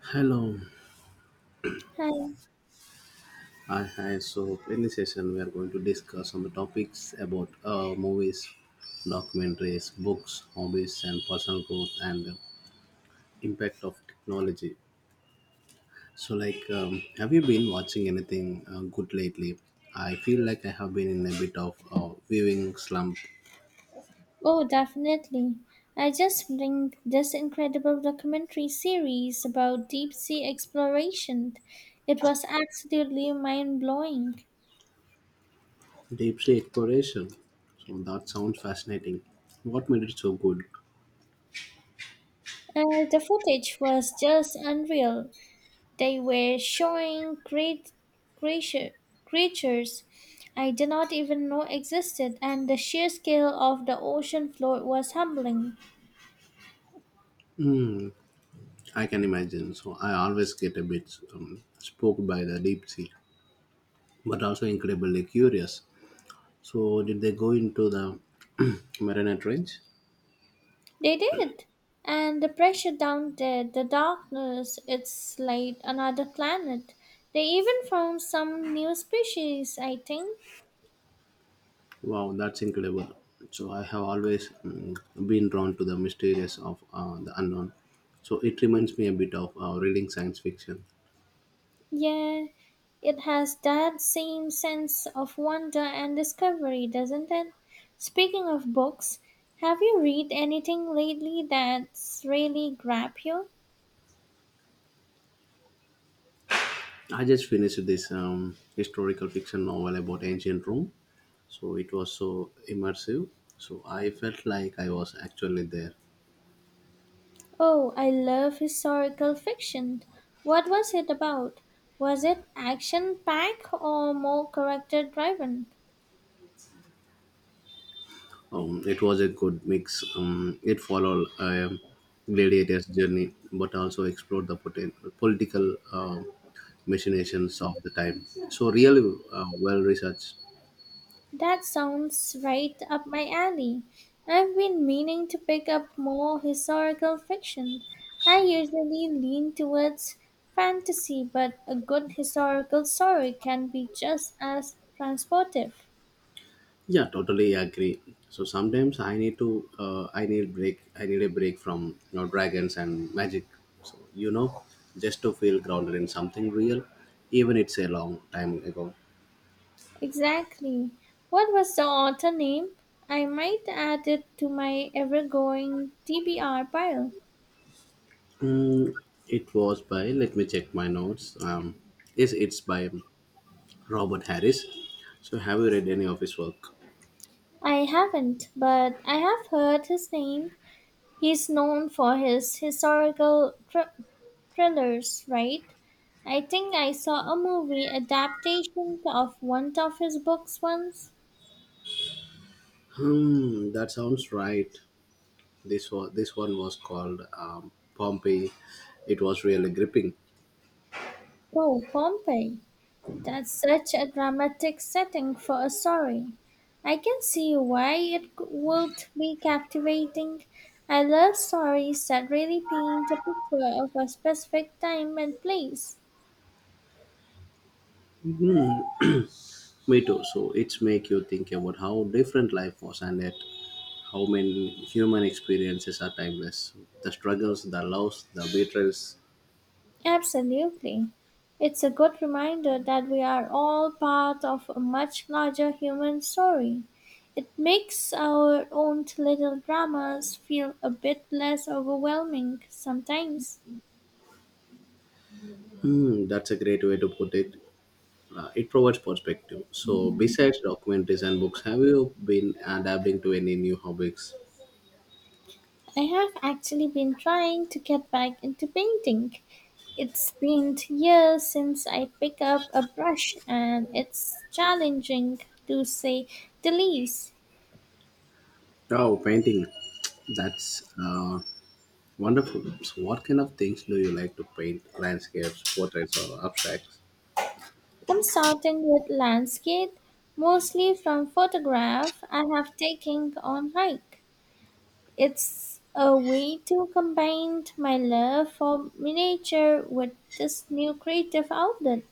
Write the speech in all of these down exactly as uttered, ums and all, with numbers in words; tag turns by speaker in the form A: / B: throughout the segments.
A: Hello.
B: Hi.
A: Hi, hi. So, in this session, we are going to discuss on the topics about uh, movies, documentaries, books, hobbies, and personal growth and the impact of technology. So, like, um, have you been watching anything uh, good lately? I feel like I have been in a bit of a viewing slump.
B: Oh, definitely. I just bring this incredible documentary series about deep sea exploration. It was absolutely mind blowing.
A: Deep sea exploration. So, that sounds fascinating. What made it so good?
B: Uh, the footage was just unreal. They were showing great creature, creatures I did not even know existed, and the sheer scale of the ocean floor was humbling.
A: I can imagine. So, I always get a bit um, spooked by the deep sea, but also incredibly curious. So, did they go into the Marina Trench?
B: They did. And the pressure down there, the darkness, it's like another planet. They even found some new species, I think.
A: Wow, that's incredible. So, I have always mm, been drawn to the mysterious of uh, the unknown. So, it reminds me a bit of uh, reading science fiction.
B: Yeah, it has that same sense of wonder and discovery, doesn't it? Speaking of books, have you read anything lately that's really grabbed you?
A: I just finished this um, historical fiction novel about ancient Rome. So, it was so immersive. So, I felt like I was actually there.
B: Oh, I love historical fiction. What was it about? Was it action packed or more character driven?
A: Um, it was a good mix. Um, it followed a Gladiator's journey, but also explored the poten- political uh, machinations of the time. So, really uh, well researched.
B: That sounds right up my alley. I've been meaning to pick up more historical fiction. I usually lean towards fantasy, but a good historical story can be just as transportive.
A: Yeah, totally agree. So sometimes I need to, uh, I need break, I need a break from you know dragons and magic. So you know, just to feel grounded in something real, even it's a long time ago.
B: Exactly. What was the author name? I might add it to my ever going T B R pile.
A: Mm, it was by. Let me check my notes. Um, yes, it's by Robert Harris. So, have you read any of his work?
B: I haven't, but I have heard his name. He's known for his historical thr- thrillers, right? I think I saw a movie adaptation of one of his books once.
A: Hmm, that sounds right. This was this one was called um, Pompeii. It was really gripping.
B: Oh, Pompeii. That's such a dramatic setting for a story. I can see why it c- would be captivating. I love stories that really paint a picture of a specific time and place.
A: Me too. So it's make you think about how different life was and yet how many human experiences are timeless. The struggles, the loss, the betrayals.
B: Absolutely. It's a good reminder that we are all part of a much larger human story. It makes our own little dramas feel a bit less overwhelming sometimes.
A: Hmm, that's a great way to put it. Uh, it provides perspective. So besides documentaries and books, have you been adapting to any new hobbies?
B: I have actually been trying to get back into painting. It's been years since I picked up a brush and it's challenging to say the least.
A: Oh, painting. That's uh, wonderful. So, what kind of things do you like to paint? Landscapes, portraits, or abstracts?
B: I'm starting with landscape, mostly from photograph I have taken on hike. It's a way to combine my love for miniature with this new creative outlet.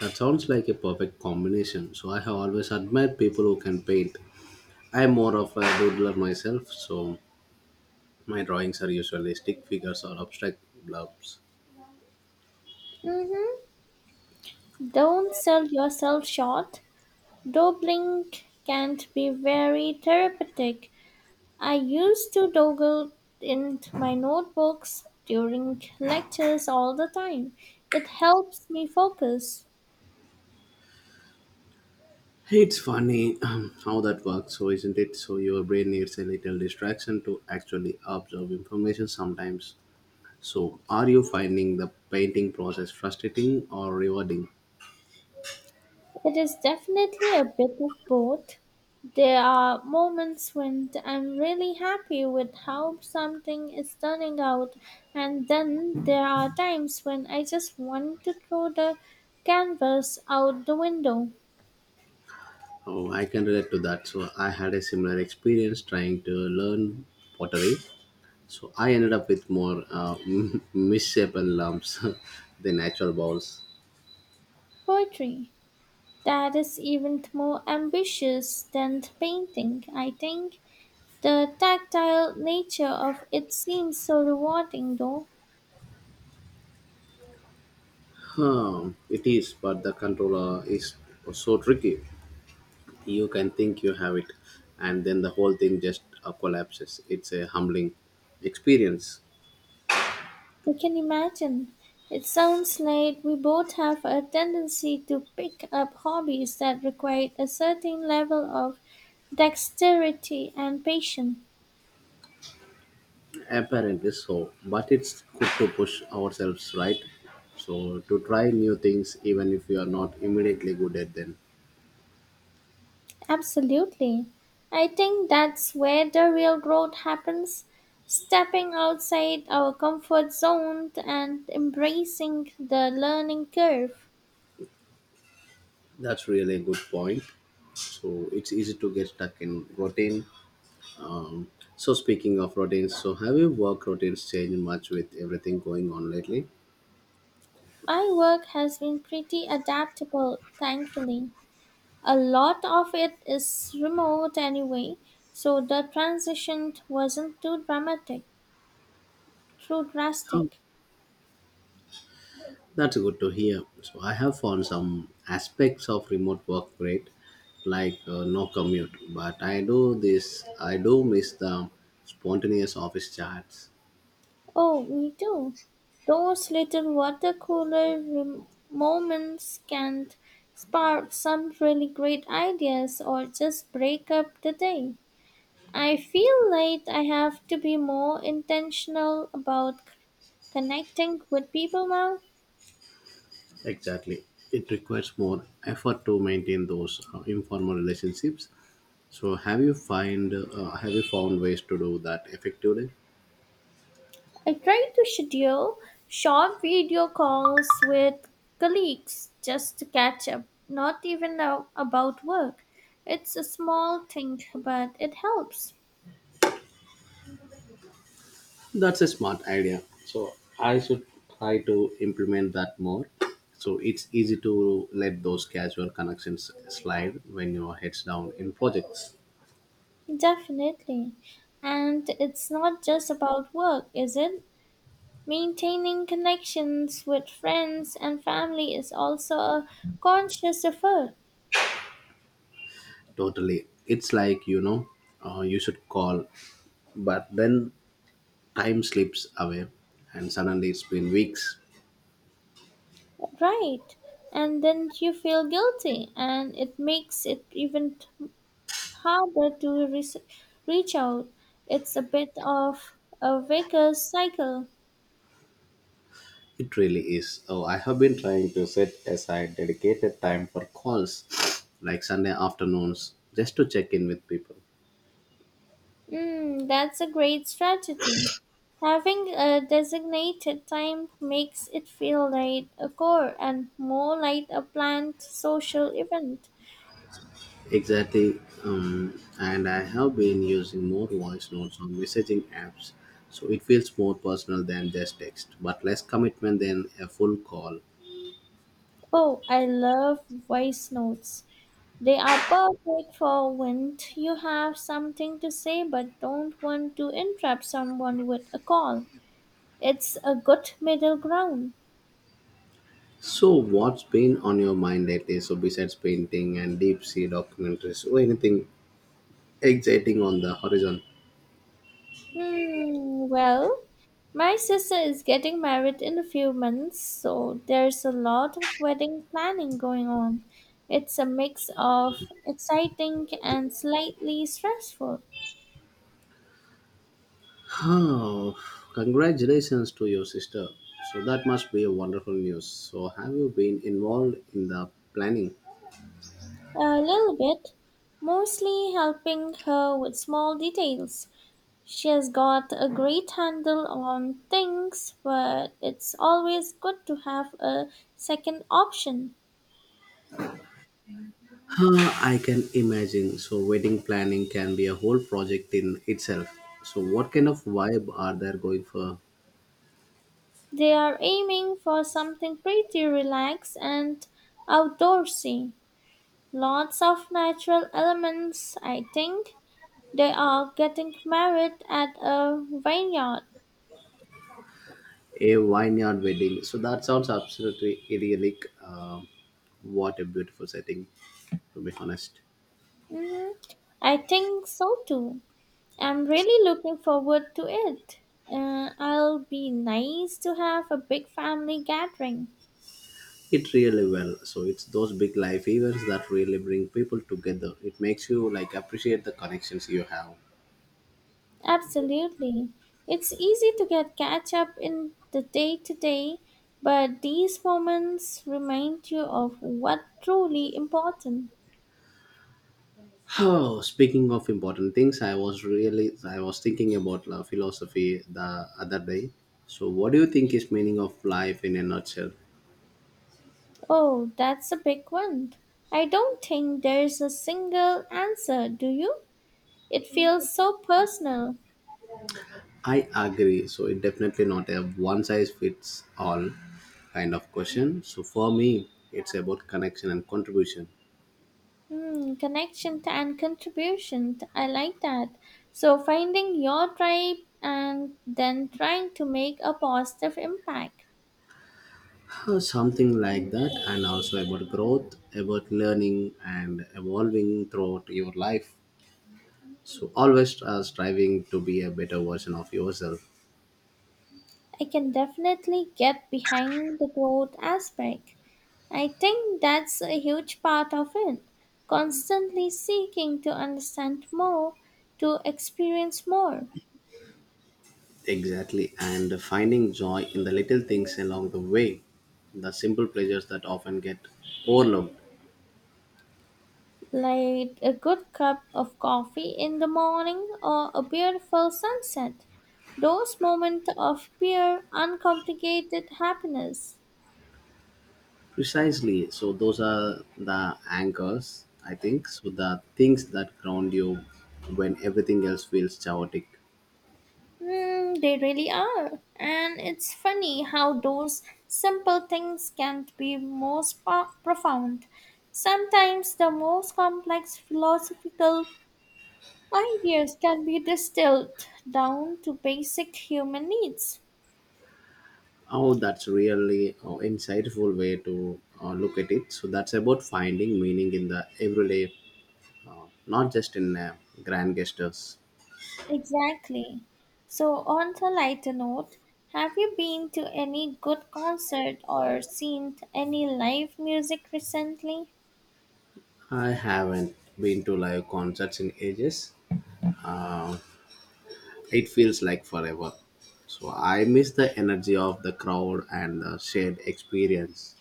A: That sounds like a perfect combination. So, I have always admired people who can paint. I'm more of a doodler myself, so my drawings are usually stick figures or abstract blobs.
B: Mm-hmm. Don't sell yourself short. Doodling can be very therapeutic. I used to doodle in my notebooks during lectures all the time. It helps me focus.
A: It's funny um, how that works, so isn't it? So, your brain needs a little distraction to actually absorb information sometimes. So, are you finding the painting process frustrating or rewarding?
B: It is definitely a bit of both. There are moments when I'm really happy with how something is turning out, and then there are times when I just want to throw the canvas out the window.
A: Oh, I can relate to that. So, I had a similar experience trying to learn pottery. So, I ended up with more uh, misshapen lumps than natural balls.
B: Poetry. That is even more ambitious than painting, I think. The tactile nature of it seems so rewarding, though.
A: Huh, it is, but the controller is so tricky. You can think you have it, and then the whole thing just uh, collapses. It's a humbling experience.
B: I can imagine. It sounds like we both have a tendency to pick up hobbies that require a certain level of dexterity and patience.
A: Apparently so, but it's good to push ourselves, right? So to try new things, even if we are not immediately good at them.
B: Absolutely. I think that's where the real growth happens stepping outside our comfort zone and embracing the learning curve.
A: That's really a good point. So it's easy to get stuck in routine. So speaking of routines, so have your work routines changed much with everything going on lately?
B: My work has been pretty adaptable, thankfully. A lot of it is remote anyway, so the transition wasn't too dramatic, too
A: Oh,
B: drastic.
A: that's good to hear. So I have found some aspects of remote work great, like uh, no commute. But I do this. I do miss the spontaneous office chats.
B: Oh, me too. Those little water cooler rem- moments can spark some really great ideas or just break up the day. I feel like I have to be more intentional about c- connecting with people now.
A: Exactly. It requires more effort to maintain those uh, informal relationships. So have you find uh, have you found ways to do that effectively?
B: I try to schedule short video calls with colleagues just to catch up, not even a- about work. It's a small thing, but it helps.
A: That's a smart idea. So I should try to implement that more. So it's easy to let those casual connections slide when your head's down in projects.
B: Definitely. And it's not just about work, is it? Maintaining connections with friends and family is also a conscious effort,
A: Totally. It's like, you know, uh, You should call, but then time slips away and suddenly it's been weeks.
B: right? And then you feel guilty, and it makes it even harder to res- reach out. It's a bit of a vicious cycle.
A: It really is. Oh, I have been trying to set aside dedicated time for calls, like Sunday afternoons, just to check in with people.
B: Mm, that's a great strategy. Having a designated time makes it feel like a core and more like a planned social event.
A: Exactly. Um, and I have been using more voice notes on messaging apps, so it feels more personal than just text, but less commitment than a full call.
B: Oh, I love voice notes. They are perfect for when you have something to say but don't want to interrupt someone with a call. It's a good middle ground.
A: So, what's been on your mind lately? So, besides painting and deep sea documentaries, or anything exciting on the horizon?
B: Hmm, well, my sister is getting married in a few months, so there's a lot of wedding planning going on. It's a mix of exciting and slightly stressful.
A: Oh, congratulations to your sister. So that must be a wonderful news. So have you been involved in the planning?
B: A little bit, mostly helping her with small details. She has got a great handle on things, but it's always good to have a second option.
A: Huh, I can imagine. So wedding planning can be a whole project in itself. So what kind of vibe are there going for
B: They are aiming for something pretty relaxed and outdoorsy. Lots of natural elements, I think. They are getting married at a vineyard.
A: a vineyard wedding? So that sounds absolutely idyllic. Um what a beautiful setting, to be honest.
B: Hmm, I think so too. I'm really looking forward to it. Uh, I'll be nice to have a big family gathering.
A: It really well. So it's those big life events that really bring people together. It makes you like appreciate the connections you have.
B: Absolutely. It's easy to get catch up in the day to day, but these moments remind you of what truly important.
A: Oh, speaking of important things, I was really I was thinking about uh, philosophy the other day. So what do you think is meaning of life in a nutshell?
B: Oh, that's a big one. I don't think there's a single answer, do you? It feels so personal.
A: I agree. So it definitely not a one size fits all kind of question. So for me, it's about connection and contribution.
B: Hmm, connection t- and contribution. t- I like that. So finding your tribe and then trying to make a positive impact.
A: Uh, something like that, and also about growth, about learning and evolving throughout your life, so always uh, striving to be a better version of yourself.
B: I can definitely get behind the growth aspect. I think that's a huge part of it. Constantly seeking to understand more, to experience more.
A: Exactly, and finding joy in the little things along the way, the simple pleasures that often get overlooked.
B: Like a good cup of coffee in the morning or a beautiful sunset. Those moments of pure, uncomplicated happiness.
A: Precisely, so those are the anchors, I think, so the things that ground you when everything else feels chaotic.
B: Mm, they really are. And it's funny how those simple things can be most po- profound. Sometimes the most complex philosophical ideas can be distilled down to basic human needs.
A: Oh, that's really uh, insightful way to uh, look at it. So that's about finding meaning in the everyday, not just in uh, grand gestures.
B: Exactly. So, on a lighter note, have you been to any good concert or seen any live music recently?
A: I haven't been to live concerts in ages. It feels like forever. So I miss the energy of the crowd and the shared experience.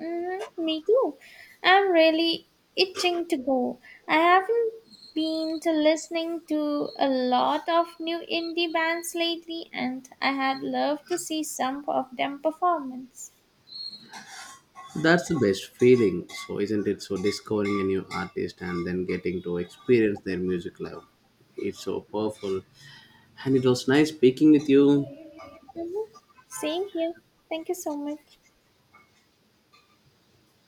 B: Mm, me too. I'm really itching to go. I haven't been to listening to a lot of new indie bands lately, and I had loved to see some of them performance.
A: That's the best feeling. So isn't it so discovering a new artist and then getting to experience their music live? It's so powerful. And it was nice speaking with you.
B: Mm-hmm. Same here. Thank you so much.